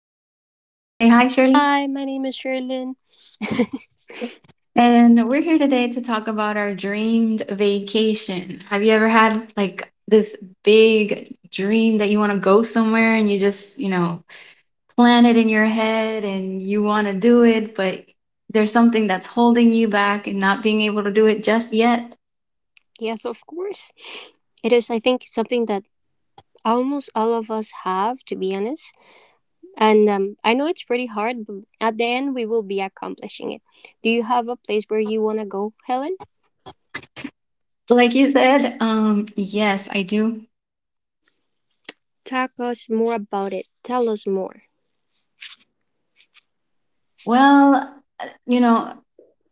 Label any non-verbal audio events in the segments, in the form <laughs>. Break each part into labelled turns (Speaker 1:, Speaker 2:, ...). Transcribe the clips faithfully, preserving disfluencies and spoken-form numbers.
Speaker 1: hi, Shirley?
Speaker 2: Hi, my name is Sherlyn.
Speaker 1: And we're here today to talk about our dreamed vacation. Have you ever had like this big dream that you want to go somewhere and you just, you know, plan it in your head and you want to do it, but there's something that's holding you back and not being able to do it just yet?
Speaker 2: Yes, of course. It is, I think, something that almost all of us have, to be honest. And um, I know it's pretty hard, but at the end, we will be accomplishing it. Do you have a place where you want to go, Helen?
Speaker 1: Like you said, um, yes, I do.
Speaker 2: Talk us more about it. Tell us more.
Speaker 1: Well, uh, you know,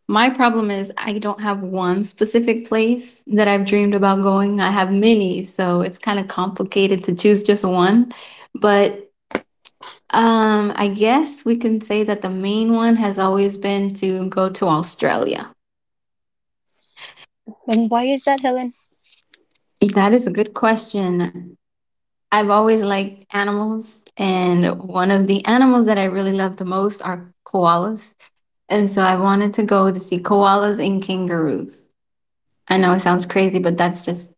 Speaker 1: my problem is I don't have one specific place that I've dreamed about going. I have many, so it's kind of complicated to choose just one. But um, I guess we can say that the main one has always been to go to Australia.
Speaker 2: And why is that, Helen?
Speaker 1: That is a good question. I've always liked animals, and one of the animals that I really love the most are koalas. And so I wanted to go to see koalas and kangaroos. I know it sounds crazy, but that's just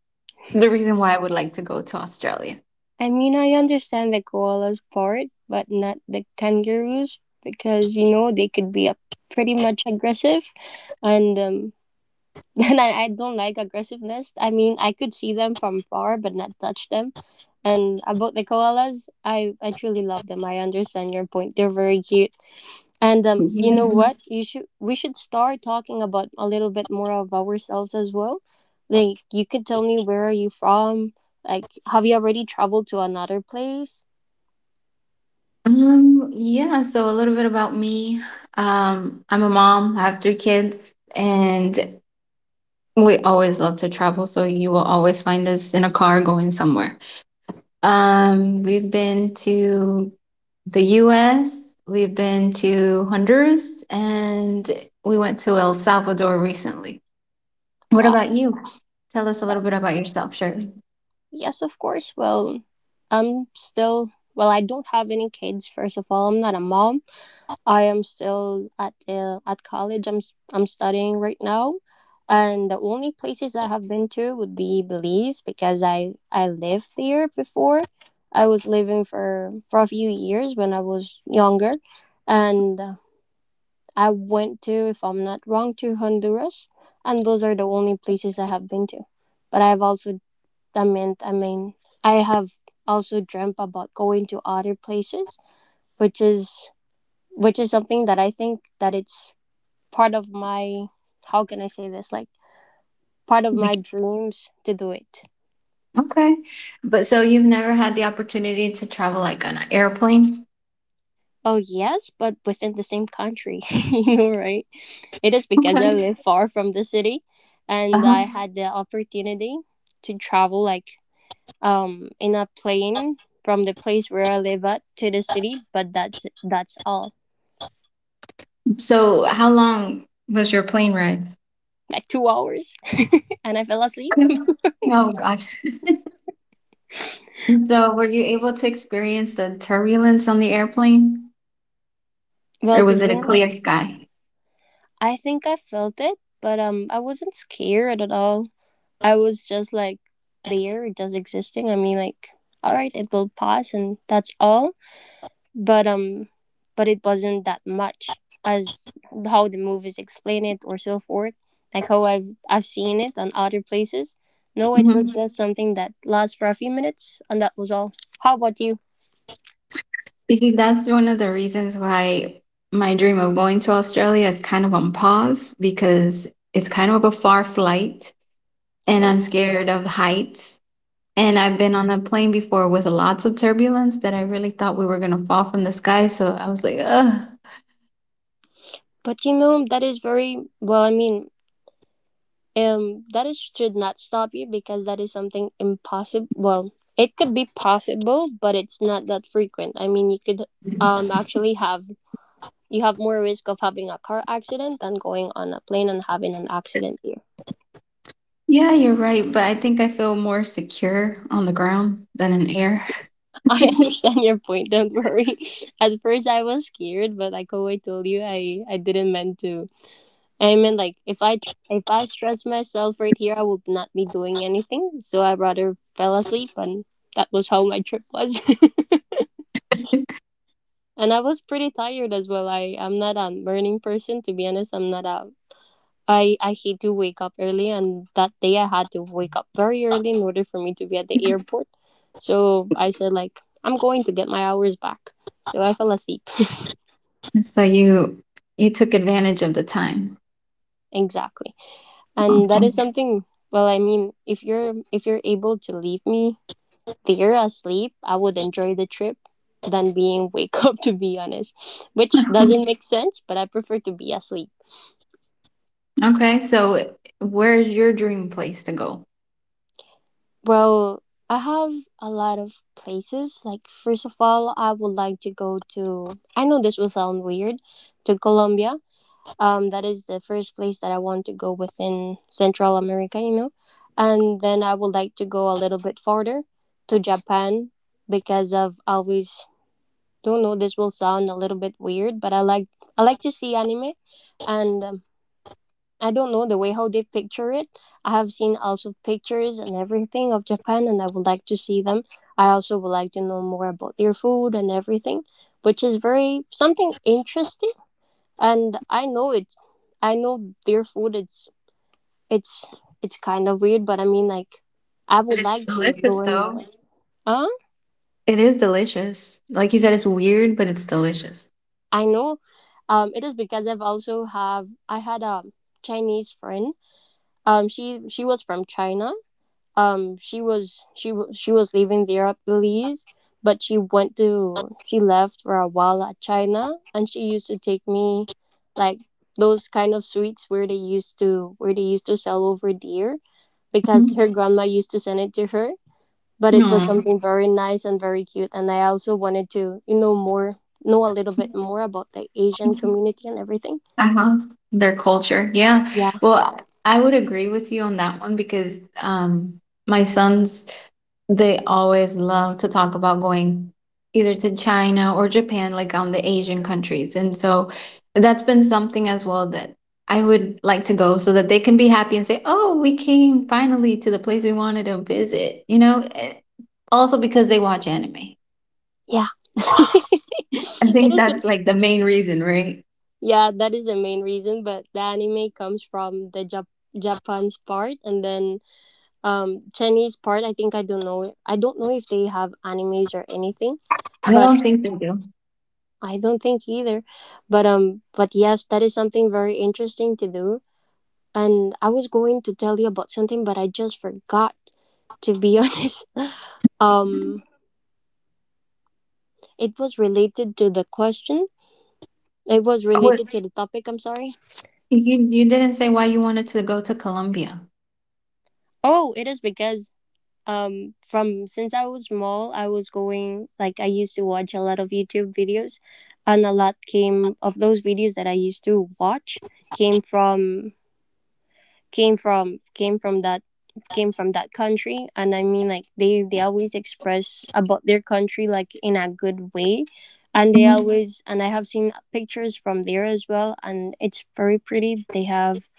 Speaker 1: the reason why I would like to go to Australia.
Speaker 2: I mean, I understand the koalas part, but not the kangaroos, because, you know, they could be a, pretty much aggressive. And um, <laughs> and I, I don't like aggressiveness. I mean, I could see them from far, but not touch them. And about the koalas, I, I truly love them. I understand your point. They're very cute. And um, you know what?
Speaker 1: Yes.
Speaker 2: You should we should start talking about a little bit more of ourselves as well. Like, you could tell me, where are you from? Like, have you already traveled to another place?
Speaker 1: Um, yeah, so a little bit about me. Um, I'm a mom, I have three kids, and we always love to travel, so you will always find us in a car going somewhere. Um, we've been to the U S, we've been to Honduras, and we went to El Salvador recently. What
Speaker 2: Wow.
Speaker 1: about you? Tell us a
Speaker 2: that-
Speaker 1: little bit about yourself, Shirley.
Speaker 2: Yes, of course. Well, I'm still. Well, I don't have any kids. First of all, I'm not a mom. I am still at uh, at college. I'm s- I'm studying right now, and the only places I have been to would be Belize because I I lived there before. I was living for for a few years when I was younger, and uh, I went to, if I'm not wrong, to Honduras, and those are the only places I have been to. But I've also I meant I mean, I have also dreamt about going to other places, which is which is something that I think that it's part of my, how can I say this, like, part of my dreams to do it.
Speaker 1: Okay. But so you've never had the opportunity to travel like on an airplane?
Speaker 2: Oh yes, but within the same country, <laughs> you know, right? It is because I
Speaker 1: Okay.
Speaker 2: live far from the city,
Speaker 1: Uh
Speaker 2: and
Speaker 1: huh.
Speaker 2: I had the opportunity to travel, like, um in a plane from the place where I live at to the city, but that's that's all,
Speaker 1: So how long was your plane ride?
Speaker 2: like, two hours, <laughs> and I fell asleep.
Speaker 1: <laughs> Okay. Oh, gosh. <laughs> So were you able to experience the turbulence on the airplane
Speaker 2: Well,
Speaker 1: or
Speaker 2: to
Speaker 1: was it
Speaker 2: be
Speaker 1: a clear
Speaker 2: honest,
Speaker 1: sky?
Speaker 2: I think I felt it, but um, I wasn't scared at all. I was just like there, just existing. I mean, like, all right, it will pass, and that's all. But um, but it wasn't that much as how the movies explain it or so forth. Like how I've I've seen it on other places. No, it was
Speaker 1: hmm
Speaker 2: just something that lasts for a few minutes, and that was all. How about you?
Speaker 1: You see, that's one of the reasons why my dream of going to Australia is kind of on pause because it's kind of a far flight and
Speaker 2: Bro?
Speaker 1: I'm scared of heights. And I've been on a plane before with lots of turbulence that I really thought we were going to fall from the sky. So I was like, ugh.
Speaker 2: But you know, that is very well. I mean, um that is should not stop you, because that is something impossible. Well, it could be possible, but it's not that frequent. I mean, you could, um actually, have you have more risk of having a car accident than going on a plane and having an accident here.
Speaker 1: Yeah, you're right. But I think I feel more secure on the ground than in air.
Speaker 2: <laughs> I understand your point. Don't worry. <laughs> At first I was scared, but like how I told you, i i didn't meant to. I mean, like, if i tr- if I stress myself right here, I would not be doing anything, so I rather fell asleep, and that was how my trip was. <laughs> And I was pretty tired as well. I I'm not a morning person, to be honest. I'm not a I I hate to wake up early, and that day I had to wake up very early in order for me to be at the
Speaker 1: <laughs>
Speaker 2: airport. So I said, like, I'm going to get my hours back. So I fell asleep.
Speaker 1: So you you took advantage of the time.
Speaker 2: <laughs> Exactly, and that is
Speaker 1: Awesome.
Speaker 2: something. Well, I mean, if you're if you're able to leave me there asleep, I would enjoy the trip than being <laughs> wake up, to be honest, which doesn't make
Speaker 1: <laughs>
Speaker 2: sense. But I prefer to be asleep.
Speaker 1: Okay, so where's your dream place to go?
Speaker 2: Well, I have a lot of places. Like, first of all, I would like to go to, I know this will sound weird, to Colombia. Um, that is the first place that I want to go within Central America, you know. And then I would like to go a little bit further to Japan, because of always, don't know, this will sound a little bit weird, but I like I like to see anime, and um, I don't know the way how they picture it. I have seen also pictures and everything of Japan, and I would like to see them. I also would like to know more about their food and everything, which is very something interesting. And I know it I know their food, it's it's it's kind of weird, but I mean, like, I
Speaker 1: But
Speaker 2: would
Speaker 1: it's
Speaker 2: like to
Speaker 1: delicious
Speaker 2: learn
Speaker 1: though.
Speaker 2: more. Huh?
Speaker 1: It is delicious. Like you said, it's weird, but it's delicious.
Speaker 2: I know. Um, it is because I've also have I had a Chinese friend. Um, she she was from China, um she was she w- she was living there, I believe, but she went to she left for a while at China, and she used to take me, like, those kind of sweets where they used to where they used to sell over there, because
Speaker 1: Mhm.
Speaker 2: her grandma used to send it to her, but it was
Speaker 1: Aw.
Speaker 2: something very nice and very cute. And I also wanted to you know more know a little bit more about the Asian community and everything.
Speaker 1: Uh-huh. Their culture. Yeah.
Speaker 2: Yeah,
Speaker 1: Well, I would agree with you on that one because um my sons, they always love to talk about going either to China or Japan, like on the Asian countries. And so that's been something as well that I would like to go so that they can be happy and say, "Oh, we came finally to the place we wanted to visit." You know, eh, also because they watch anime.
Speaker 2: yeah.
Speaker 1: I
Speaker 2: <laughs> It
Speaker 1: think
Speaker 2: is.
Speaker 1: that's like the main reason, right?
Speaker 2: Yeah, that is the main reason. But the anime comes from the Jap- Japan's part, and then um Chinese part. I think. I don't know. I don't know if they have animes or anything,
Speaker 1: I
Speaker 2: but
Speaker 1: don't think they do.
Speaker 2: I don't think either. But um, but yes, that is something very interesting to do. And I was going to tell you about something, but I just forgot, to be <laughs> honest. Um, it was related to the question. It was related to the topic. I'm sorry.
Speaker 1: You you didn't say why you wanted to go to Colombia.
Speaker 2: Oh, it is because um from since I was small, I was going like I used to watch a lot of YouTube videos, and a lot came of those videos that I used to watch came from came from came from that came from that country. And I mean, like, they they always express about their country, like, in a good way, and they
Speaker 1: Mhm.
Speaker 2: always and I have seen pictures from there as well, and it's very pretty. they have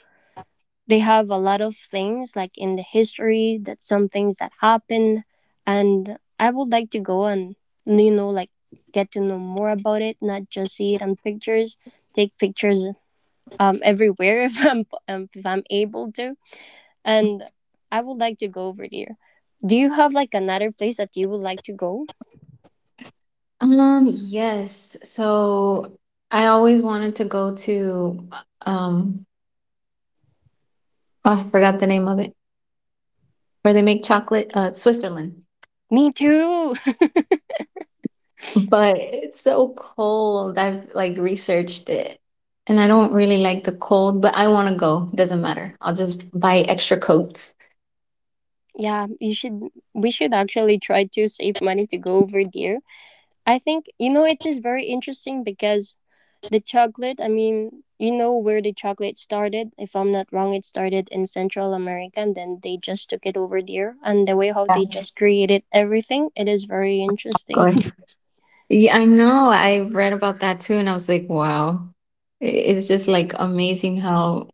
Speaker 2: they have a lot of things, like, in the history, that some things that happen, and I would like to go and, you know, like, get to know more about it, not just see it on pictures. Take pictures um, everywhere, <laughs> if I'm, um, if I'm able to. And I would like to go over there. Do you have, like, another place that you would like to go?
Speaker 1: Um yes. So I always wanted to go to um oh, I forgot the name of it where they make chocolate, uh Switzerland.
Speaker 2: Me too.
Speaker 1: But it's so cold. I've like researched it and I don't really like the cold, but I want to go. Doesn't matter. I'll just buy extra coats.
Speaker 2: <laughs> Yeah, you should we should actually try to save money to go over there, I think, you know. It is very interesting, because the chocolate, I mean, you know where the chocolate started. If I'm not wrong, it started in Central America, and then they just took it over there. And the way how
Speaker 1: Yeah.
Speaker 2: they just created everything, it is very interesting.
Speaker 1: Go. Yeah, I know. I read about that too and I was like, wow. I- It's just like amazing how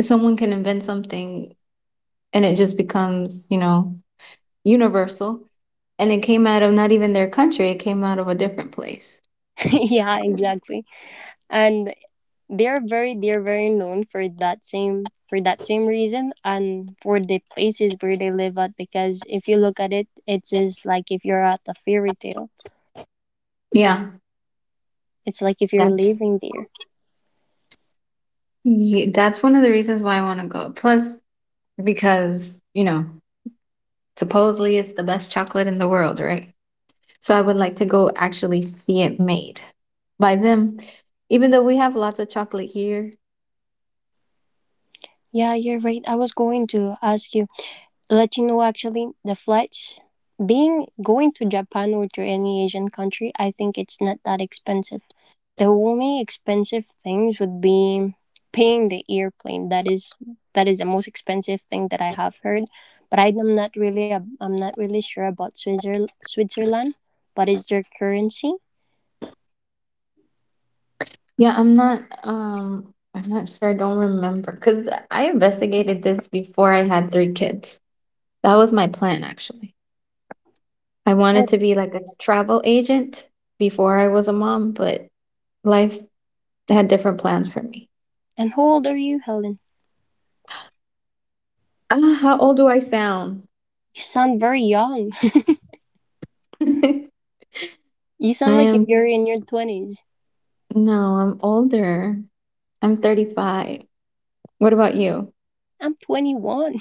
Speaker 1: someone can invent something and it just becomes, you know, universal. And it came out of not even their country, it came out of a different place.
Speaker 2: <laughs> Yeah, exactly. And they're very they're very known for that same for that same reason, and for the places where they live at, because if you look at it, it is like if you're at a fairy tale.
Speaker 1: Yeah,
Speaker 2: It's like if you're
Speaker 1: that's
Speaker 2: living there.
Speaker 1: ye- that's one of the reasons why I want to go. Plus, because, you know, supposedly it's the best chocolate in the world, right? So I would like to go actually see it made by them. Even though we have lots of chocolate here.
Speaker 2: Yeah, you're right. I was going to ask you let you know, actually, the flights, being going to Japan or to any Asian country, I think it's not that expensive. The only expensive things would be paying the airplane. That is that is the most expensive thing that I have heard, but i'm not really a, I'm not really sure about Switzerland. Switzerland, what is their currency?
Speaker 1: Yeah, I'm not, um I'm not sure, I don't remember cuz I investigated this before I had three kids. That was my plan, actually. I wanted
Speaker 2: Oh,
Speaker 1: to be like a travel agent before I was a mom, but life had different plans for me.
Speaker 2: and how old are you, Helen?
Speaker 1: Ah, how old do I sound?
Speaker 2: You sound very young.
Speaker 1: <laughs> I
Speaker 2: <laughs> You sound like if
Speaker 1: am,
Speaker 2: you're in your twenties.
Speaker 1: no, I'm older. I'm thirty-five. What about you?
Speaker 2: I'm twenty-one.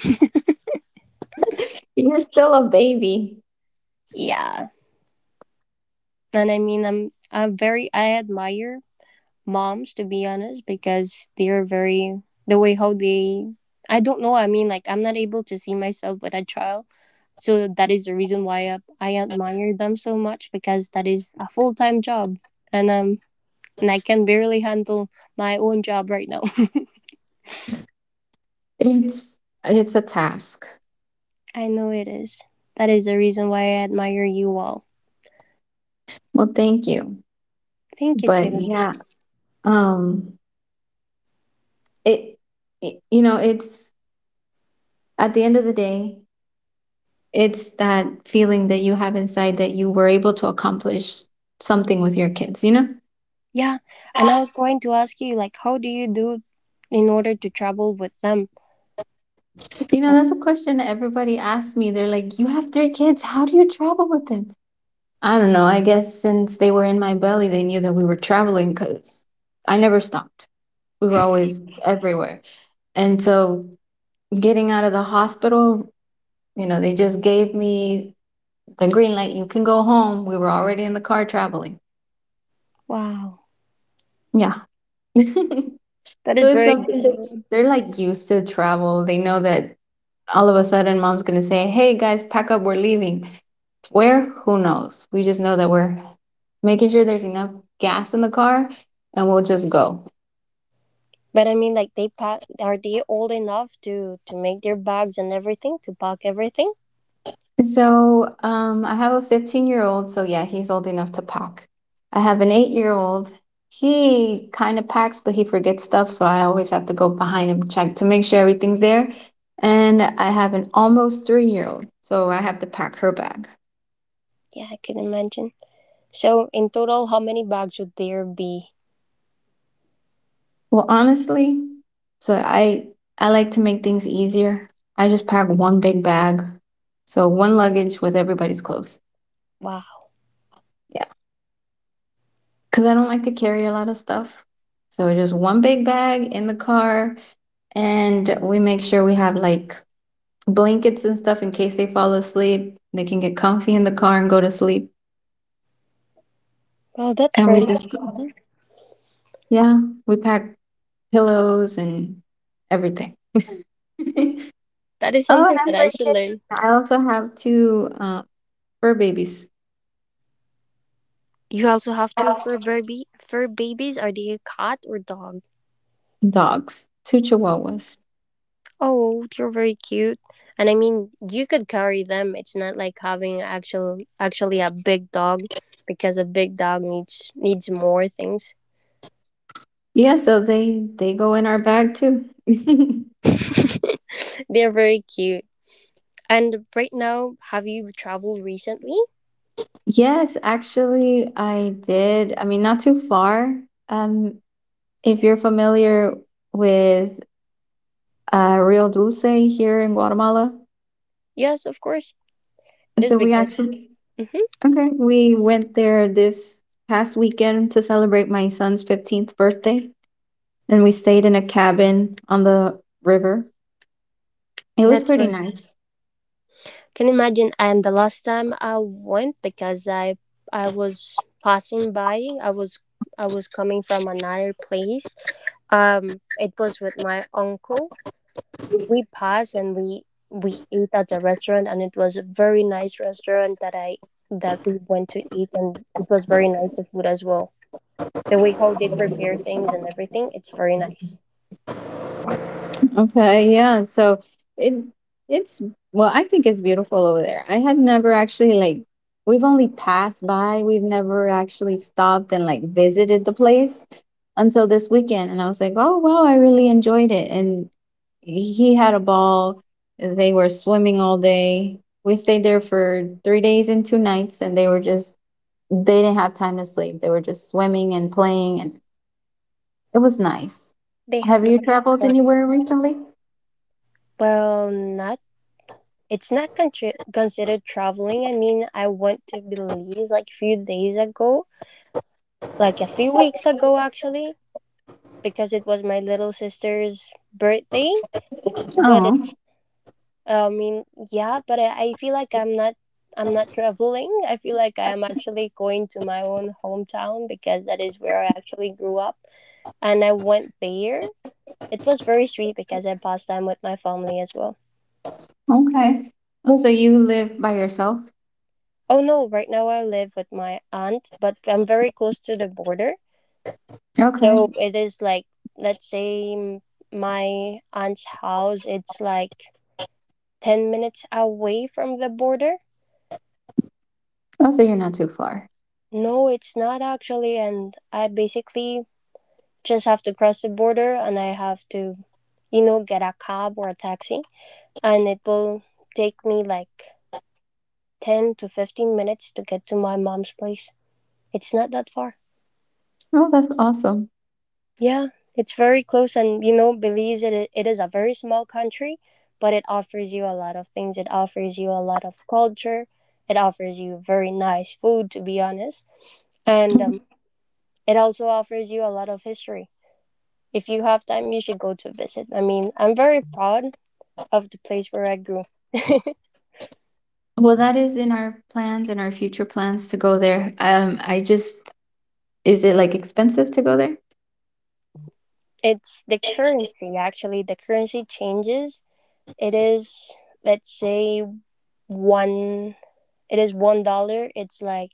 Speaker 1: You're still a baby.
Speaker 2: <laughs> Yeah. And I mean, I'm I'm very I admire moms, to be honest, because they are very, the way how they, I don't know. I mean, like, I'm not able to see myself with a child, so that is the reason why I, I admire them so much, because that is a full time job, and um and I can barely handle my own job right now.
Speaker 1: It's it's a task.
Speaker 2: <laughs> I know it is. That is the reason why I admire you all.
Speaker 1: Well, thank you.
Speaker 2: Thank you
Speaker 1: But
Speaker 2: too.
Speaker 1: yeah, um it, it you know, it's at the end of the day, it's that feeling that you have inside that you were able to accomplish something with your kids, you know?
Speaker 2: Yeah, and I was going to ask you, like, how do you do in order to travel with them?
Speaker 1: You know, that's a question everybody asks me. They're like, you have three kids. How do you travel with them? I don't know. I guess since they were in my belly, they knew that we were traveling because I never stopped. We were always everywhere. And so getting out of the hospital, you know, they just gave me the green light. You can go home. We were already in the car traveling.
Speaker 2: Wow,
Speaker 1: Yeah. <laughs>
Speaker 2: that
Speaker 1: So
Speaker 2: is
Speaker 1: it's
Speaker 2: very
Speaker 1: something that
Speaker 2: good.
Speaker 1: they're like used to travel. They know that all of a sudden mom's going to say, "Hey guys, pack up, we're leaving." Where? Who knows? We just know that we're making sure there's enough gas in the car and we'll just go.
Speaker 2: But I mean, like, they pack. Are they old enough to to make their bags and everything, to pack everything?
Speaker 1: So, um I have a fifteen-year-old, so yeah, he's old enough to pack. I have an eight-year-old. He kind of packs, but he forgets stuff, so I always have to go behind him check to make sure everything's there. And I have an almost three-year-old, so I have to pack her bag.
Speaker 2: Yeah, I can imagine. So in total, how many bags would there be?
Speaker 1: Well, honestly, so I I like to make things easier. I just pack one big bag. So one luggage with everybody's clothes.
Speaker 2: Wow.
Speaker 1: Yeah. Cuz I don't like to carry a lot of stuff. So just one big bag in the car and we make sure we have like blankets and stuff in case they fall asleep. They can get comfy in the car and go to sleep.
Speaker 2: Well, that's
Speaker 1: And
Speaker 2: very
Speaker 1: we just go.
Speaker 2: good.
Speaker 1: Yeah, we pack pillows and everything. <laughs> Oh, and
Speaker 2: That is something
Speaker 1: I
Speaker 2: that I should
Speaker 1: forget
Speaker 2: learn.
Speaker 1: I also have two um fur babies,
Speaker 2: You also have two fur baby fur babies. Are they a cat or dog?
Speaker 1: dogs, two chihuahuas.
Speaker 2: Oh, you're very cute. And I mean, you could carry them. It's not like having actual actually a big dog because a big dog needs needs more things.
Speaker 1: Yeah, so they they go in our bag too. <laughs>
Speaker 2: <laughs> They're very cute. And right now, have you traveled recently?
Speaker 1: Yes, actually, I did. I mean, not too far. Um, if you're familiar with uh, Rio Dulce here in Guatemala,
Speaker 2: Yes, of course. It
Speaker 1: and so
Speaker 2: is
Speaker 1: we
Speaker 2: because
Speaker 1: actually
Speaker 2: hmm
Speaker 1: okay, we went there this past weekend to celebrate my son's fifteenth birthday, and we stayed in a cabin on the river. It was
Speaker 2: that's
Speaker 1: pretty
Speaker 2: right.
Speaker 1: nice.
Speaker 2: Can you imagine? And the last time I went, because I I was passing by, I was I was coming from another place. Um, it was with my uncle. We passed and we we ate at the restaurant, and it was a very nice restaurant that I that we went to eat, and it was very nice, the food as well, the way how they prepare things and everything. It's very nice.
Speaker 1: Okay, yeah. So it it's well, I think it's beautiful over there. I had never actually like we've only passed by. We've never actually stopped and like visited the place until this weekend. And I was like, oh wow, I really enjoyed it. And he had a ball. They were swimming all day. We stayed there for three days and two nights, and they were just they didn't have time to sleep. They were just swimming and playing, and it was nice.
Speaker 2: They had
Speaker 1: Have you
Speaker 2: lots of
Speaker 1: traveled
Speaker 2: fun.
Speaker 1: anywhere recently?
Speaker 2: Well, not, it's not contri- considered traveling. I mean, I went to Belize like few days ago, like a few weeks ago actually, because it was my little sister's birthday. But
Speaker 1: Oh.
Speaker 2: it's I mean, yeah, but i, I feel like i'm not i'm not traveling. I feel like I am actually going to my own hometown, because that is where I actually grew up, and I went there. It was very sweet because I passed time with my family as well.
Speaker 1: Okay. Oh, so you live by yourself?
Speaker 2: Oh no, right now I live with my aunt, but I'm very close to the border.
Speaker 1: Okay.
Speaker 2: So it is, like, let's say, m- my aunt's house, it's like ten minutes away from the border.
Speaker 1: Oh, so you're not too far.
Speaker 2: No, it's not actually. And I basically just have to cross the border, and I have to, you know, get a cab or a taxi. And it will take me like ten to fifteen minutes to get to my mom's place. It's not that far.
Speaker 1: Oh, that's awesome.
Speaker 2: Yeah, it's very close, and, you know, Belize, it, it is a very small country, but it offers you a lot of things. It offers you a lot of culture. It offers you very nice food, to be honest, and, um,
Speaker 1: <laughs>
Speaker 2: it also offers you a lot of history. If you have time, you should go to visit. I mean, I'm very proud of the place where I grew.
Speaker 1: Well, that is in our plans and our future plans to go there. Um, I just, is it like expensive to go there?
Speaker 2: It's the currency, actually. The currency changes. It is, let's say, one it is one dollar. It's like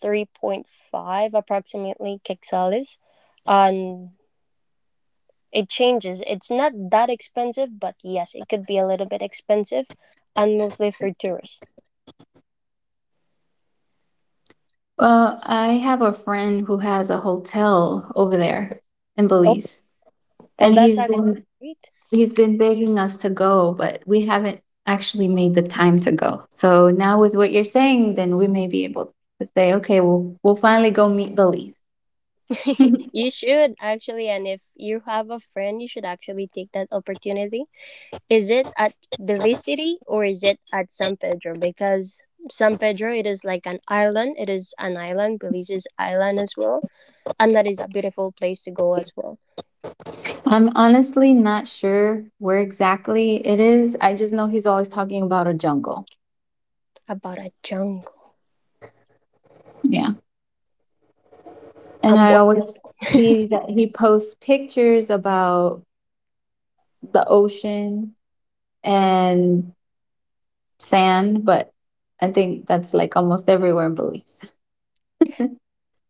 Speaker 2: three point five approximately quetzales, and it changes. It's not that expensive, but yes, it could be a little bit expensive, and mostly for tourists.
Speaker 1: Well, I have a friend who has a hotel over there in
Speaker 2: Oh,
Speaker 1: Belize,
Speaker 2: well,
Speaker 1: and
Speaker 2: that's
Speaker 1: he's
Speaker 2: actually
Speaker 1: been
Speaker 2: great.
Speaker 1: he's been begging us to go, but we haven't actually made the time to go. So now with what you're saying, then we may be able to say, okay, we'll we'll finally go meet Belize. <laughs>
Speaker 2: You should, actually, and if you have a friend, you should actually take that opportunity. Is it at Belize City or is it at San Pedro? Because San Pedro, it is like an island. It is an island. Belize is island as well, and that is a beautiful place to go as well.
Speaker 1: I'm honestly not sure where exactly it is. I just know he's always talking about a jungle.
Speaker 2: About a jungle.
Speaker 1: Yeah. And
Speaker 2: I'm
Speaker 1: I
Speaker 2: one-
Speaker 1: always see that he posts pictures about the ocean and sand, but I think that's like almost everywhere in Belize.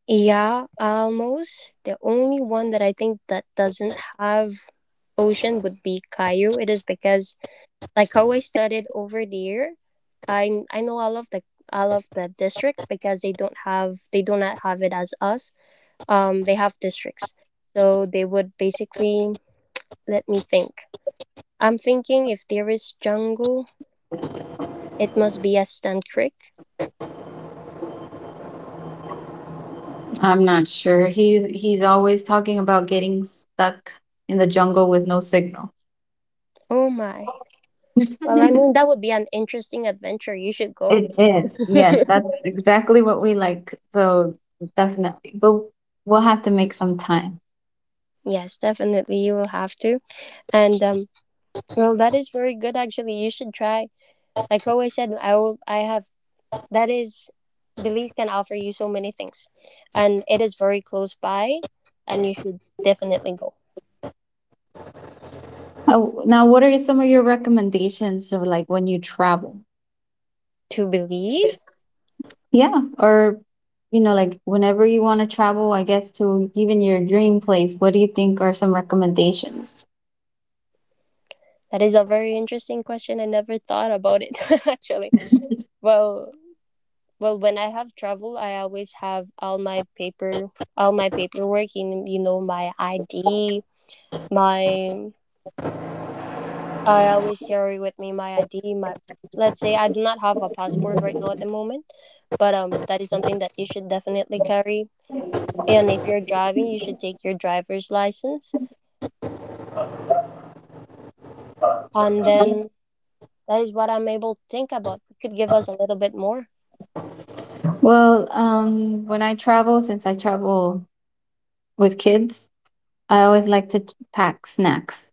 Speaker 2: yeah, almost the only one that I think that doesn't have ocean would be Caillou. It is because, like how I studied over there, I I know all of the all of the districts, because they don't have they do not have it as us. Um, they have districts, so they would basically, let me think. I'm thinking, if there is jungle, it must be a stand creek.
Speaker 1: I'm not sure. He he's always talking about getting stuck in the jungle with no signal.
Speaker 2: Oh my. Well, I mean,
Speaker 1: <laughs>
Speaker 2: that would be an interesting adventure. You should go.
Speaker 1: It is. Yes, that's exactly what we like. So definitely. But we'll have to make some time.
Speaker 2: Yes, definitely. You will have to. And, um, well, that is very good, actually. You should try. Like always said, I will, I have, that is, belief can offer you so many things. And it is very close by, and you should definitely go.
Speaker 1: Oh, now, what are some of your recommendations of like when you travel?
Speaker 2: To Belize?
Speaker 1: Yeah. Or, you know, like whenever you want to travel, I guess to even your dream place, what do you think are some recommendations?
Speaker 2: That is a very interesting question. I never thought about it, <laughs> actually. Well, well, when I have travel, I always have all my paper, all my paperwork. You, you know, my I D, my I always carry with me my I D. My let's say, I do not have a passport right now at the moment, but um that is something that you should definitely carry. And if you're driving, you should take your driver's license. And then that is what I'm able to think about. You could give us a little bit more.
Speaker 1: Well, um, when I travel, since I travel with kids, I always like to pack snacks,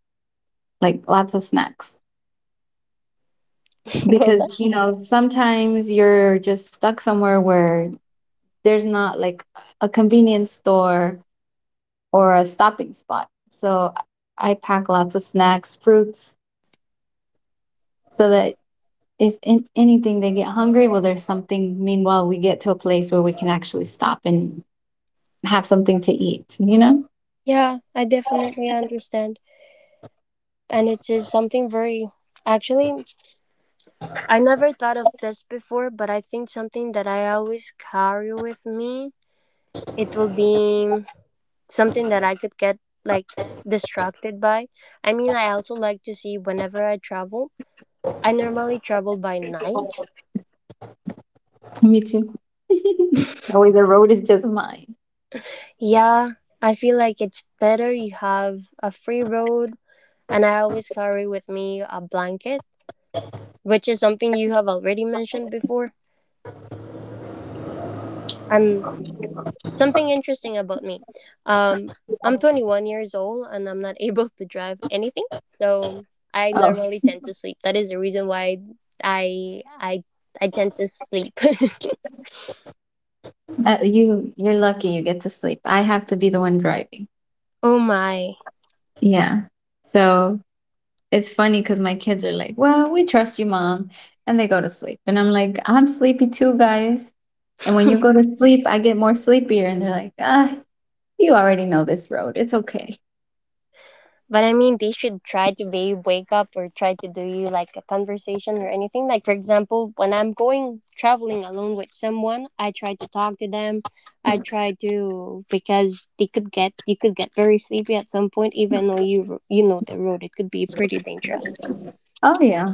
Speaker 1: like lots of snacks
Speaker 2: <laughs> Well,
Speaker 1: because you know sometimes you're just stuck somewhere where there's not like a convenience store or a stopping spot, so i I pack lots of snacks, fruits, so that if in anything they get hungry, well there's something meanwhile we get to a place where we can actually stop and have something to eat, you know?
Speaker 2: yeah, I definitely understand. And it is something very, actually I never thought of this before, but I think something that I always carry with me, it will be something that I could get, like, distracted by. I mean, I also like to see whenever I travel. I normally travel by night.
Speaker 1: Me too. <laughs> That way the road is just mine.
Speaker 2: Yeah, I feel like it's better, you have a free road, and I always carry with me a blanket, which is something you have already mentioned before. And something interesting about me, Um, I'm twenty-one years old, and I'm not <laughs> able to drive anything. So I
Speaker 1: Oh,
Speaker 2: normally tend to sleep. That is the reason why I I I tend to sleep.
Speaker 1: uh, you you're lucky you get to sleep. I have to be the one driving.
Speaker 2: <laughs> Oh my.
Speaker 1: Yeah, so it's funny because my kids are like, well, we trust you, mom. And they go to sleep. And I'm like, I'm sleepy too, guys. And when you
Speaker 2: <laughs>
Speaker 1: go to sleep, I get more sleepier. And they're like, ah, you already know this road. It's okay.
Speaker 2: But I mean, they should try to be wake up or try to do you, like, a conversation or anything. Like, for example, when I'm going traveling alone with someone, I try to talk to them. I try to, because they could get, you could get very sleepy at some point, even though you you know the road. It could be pretty dangerous.
Speaker 1: Oh, yeah.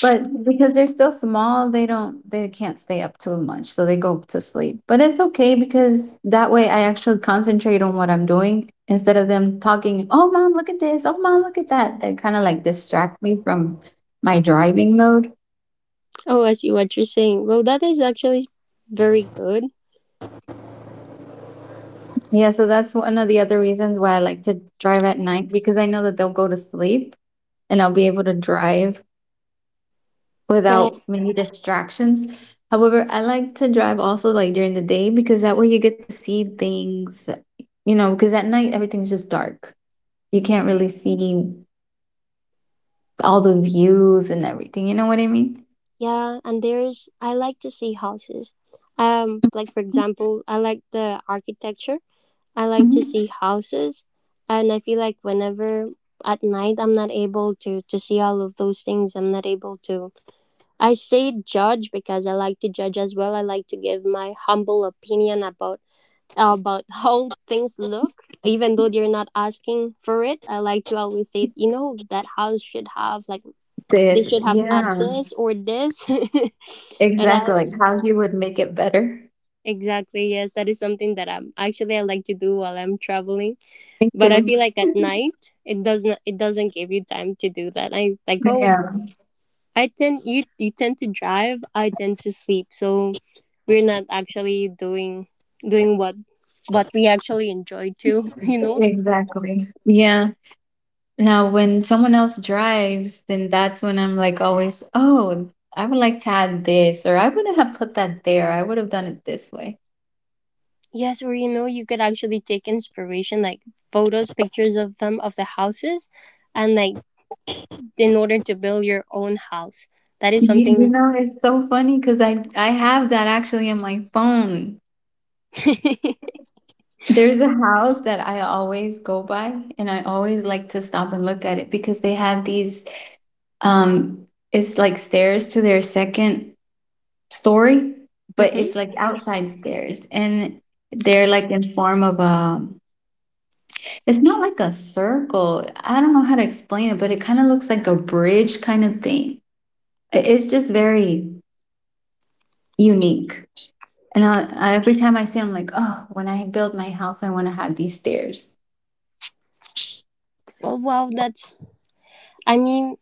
Speaker 1: But because they're still small, they don't, they can't stay up too much. So they go to sleep. But it's okay because that way I actually concentrate on what I'm doing instead of them talking, oh, mom, look at this. Oh, mom, look at that. They kind of like distract me from my driving mode.
Speaker 2: Oh, I see what you're saying. Well, that is actually very good.
Speaker 1: Yeah, so that's one of the other reasons why I like to drive at night, because I know that they'll go to sleep and I'll be able to drive
Speaker 2: But uh,
Speaker 1: without many distractions. However, I like to drive also like during the day, because that way you get to see things, you know, because at night everything's just dark. You can't really see all the views and everything. You know what I mean?
Speaker 2: yeah, and there's, I like to see houses. Um, like, for example, I like the architecture, I like to
Speaker 1: Hmm.
Speaker 2: see houses, and I feel like whenever at night I'm not able to to see all of those things. I'm not able to. I say judge because I like to judge as well. I like to give my humble opinion about about <laughs> how things look, even though they're not asking for it. I like to always say, you know, that house should have, like, they
Speaker 1: This,
Speaker 2: should have add
Speaker 1: yeah,
Speaker 2: this or this, <laughs> and I
Speaker 1: exactly.
Speaker 2: will
Speaker 1: Like how you would make it better.
Speaker 2: exactly, yes, that is something that I'm actually, I like to do while I'm traveling.
Speaker 1: Me
Speaker 2: But I
Speaker 1: too.
Speaker 2: feel like at
Speaker 1: <laughs>
Speaker 2: night it doesn't it doesn't give you time to do that. I like Oh,
Speaker 1: Yeah,
Speaker 2: I tend, you you tend to drive, I tend to sleep. So we're not actually doing doing what what we actually enjoy too, <laughs> you know?
Speaker 1: exactly. Yeah. Now, when someone else drives, then that's when I'm like always, oh, I would like to add this, or I wouldn't have put that there. I would have done it this way.
Speaker 2: Yes, or, you know, you could actually take inspiration, like photos, pictures of them of the houses, and, like, in order to build your own house. That is
Speaker 1: You, you
Speaker 2: something.
Speaker 1: know, it's so funny because I I have that actually in my phone.
Speaker 2: <laughs>
Speaker 1: There's a house that I always go by, and I always like to stop and look at it because they have these. Um, it's like stairs to their second story, but
Speaker 2: Mhm.
Speaker 1: it's like outside stairs, and they're like in form of a— it's not like a circle. I don't know how to explain it, but it kind of looks like a bridge kind of thing. I- It's just very unique. And I, I- every time I see it, I'm like, oh, when I build my house, I want to have these stairs.
Speaker 2: Well, wow, that's. I mean,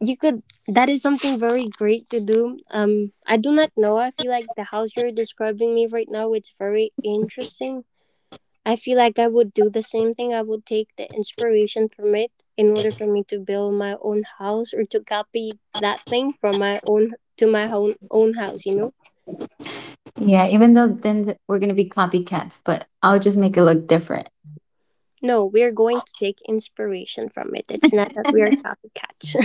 Speaker 2: you could, that is something very great to do. um I do not know, I feel like the house you're describing me right now, it's very interesting. I feel like I would do the same thing. I would take the inspiration from it in order for me to build my own house, or to copy that thing from my own to my own own house you know
Speaker 1: Yeah, even though then th- we're going to be copycats, but I'll just make it look different.
Speaker 2: No, we're going to take inspiration from it. It's not that we are copycats.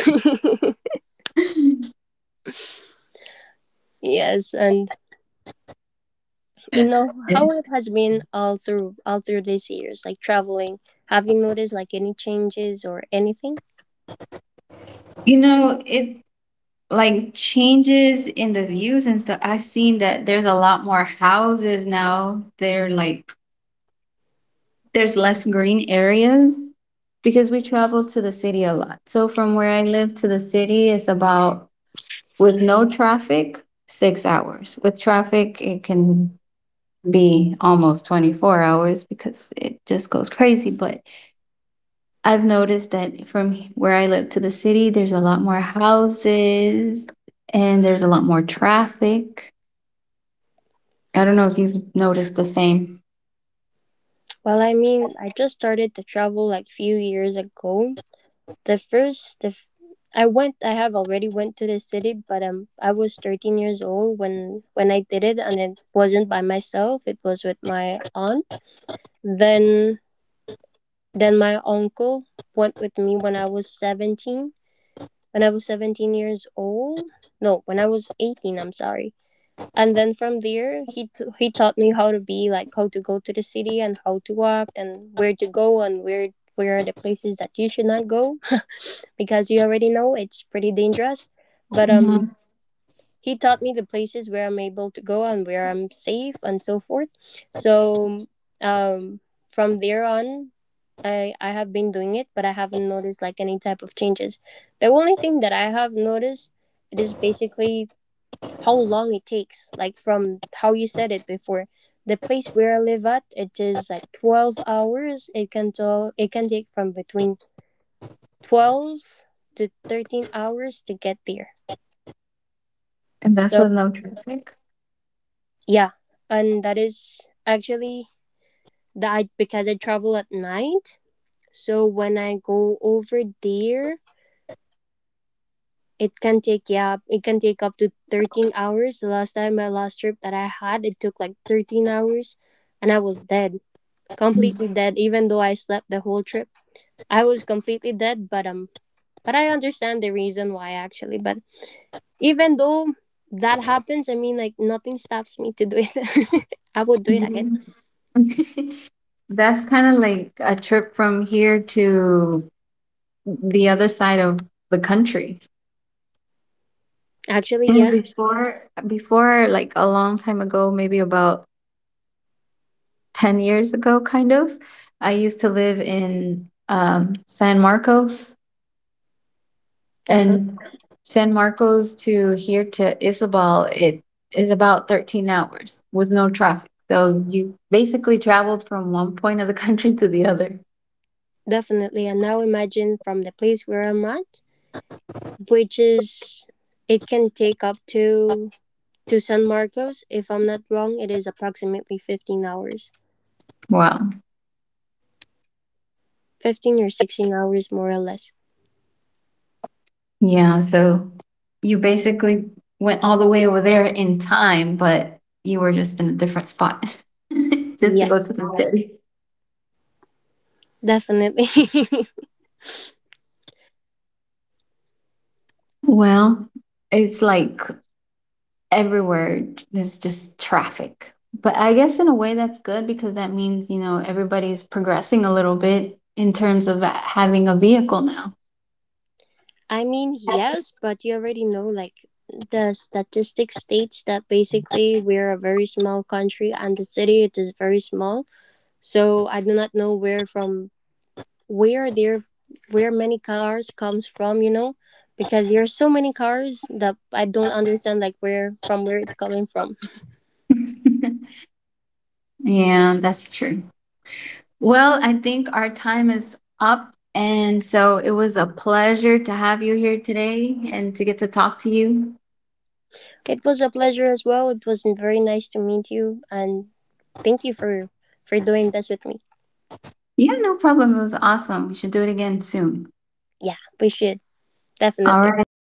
Speaker 2: <laughs> Yes. And, you
Speaker 1: <laughs>
Speaker 2: know, how it has been all through all through these years, like traveling, have you noticed, like, any changes or anything?
Speaker 1: You know, it like changes in the views and stuff. I've seen that there's a lot more houses now. They're like, there's less green areas, because we travel to the city a lot. So from where I live to the city is about, with no traffic, six hours. With traffic it can be almost twenty-four hours because it just goes crazy, but I've noticed that from where I live to the city there's a lot more houses and there's a lot more traffic. I don't know if you've noticed the same.
Speaker 2: Well, I mean, I just started to travel like few years ago. The first the f- I went, I have already went to the city, but um I was thirteen years old when when I did it, and it wasn't by myself, it was with my aunt. then then my uncle went with me when I was seventeen, when I was seventeen years old. No, when I was eighteen, I'm sorry. And then from there, he t- he taught me how to be, like, how to go to the city, and how to walk, and where to go, and where where are the places that you should not go, <sniffs> <laughs> because you already know it's pretty dangerous. But um
Speaker 1: Mhm.
Speaker 2: he taught me the places where I'm able to go and where I'm safe, and so forth. So, um from there on, I, I have been doing it, but I haven't noticed like any type of changes. The only thing that I have noticed, it is basically how long it takes. Like from how you said it before, the place where I live at, it is like twelve hours. It can tell it can take from between twelve to thirteen hours to get there.
Speaker 1: And that's
Speaker 2: So
Speaker 1: with no traffic.
Speaker 2: yeah, and that is actually, that I, because I travel at night. So when I go over there, it can take, yeah, it can take up to thirteen hours. The last time my last trip that I had, it took like thirteen hours, and I was dead.
Speaker 1: Mm.
Speaker 2: Completely dead, even though I slept the whole trip. I was completely dead, but um, but I understand the reason why, actually. But even though that happens, I mean, like, nothing stops me to do it. <laughs> I would do it again.
Speaker 1: Yeah. <laughs> That's kind of like a trip from here to the other side of the country.
Speaker 2: Actually,
Speaker 1: And
Speaker 2: yes.
Speaker 1: before, before, like a long time ago, maybe about ten years ago, kind of, I used to live in um, San Marcos.
Speaker 2: Uh huh.
Speaker 1: And San Marcos to here to Isabel, it is about thirteen hours with no traffic. So you basically traveled from one point of the country to the other.
Speaker 2: Definitely. And now imagine, from the place where I'm at, which is it can take up to to San Marcos. If I'm not wrong, it is approximately fifteen hours,
Speaker 1: Wow.
Speaker 2: fifteen or sixteen hours, more or less.
Speaker 1: Yeah, so you basically went all the way over there in time, but you were just in a different spot <laughs> just to go to
Speaker 2: Yes,
Speaker 1: the city.
Speaker 2: definitely. <laughs>
Speaker 1: Well, it's like everywhere there's just traffic. But I guess in a way that's good because that means, you know, everybody's progressing a little bit in terms of uh, having a vehicle now.
Speaker 2: I mean, yes, but you already know, like, the statistic states that basically we're a very small country, and the city, it is very small. So I do not know where, from where there where many cars comes from, you know, because there are so many cars that I don't understand, like, where from where it's coming from.
Speaker 1: <laughs> Yeah, that's true. Well, I think our time is up. And so it was a pleasure to have you here today and to get to talk to you.
Speaker 2: It was a pleasure as well. It was very nice to meet you, and thank you for for doing this with me.
Speaker 1: Yeah, no problem. It was awesome. We should do it again soon.
Speaker 2: Yeah, we should
Speaker 1: All
Speaker 2: definitely.
Speaker 1: right.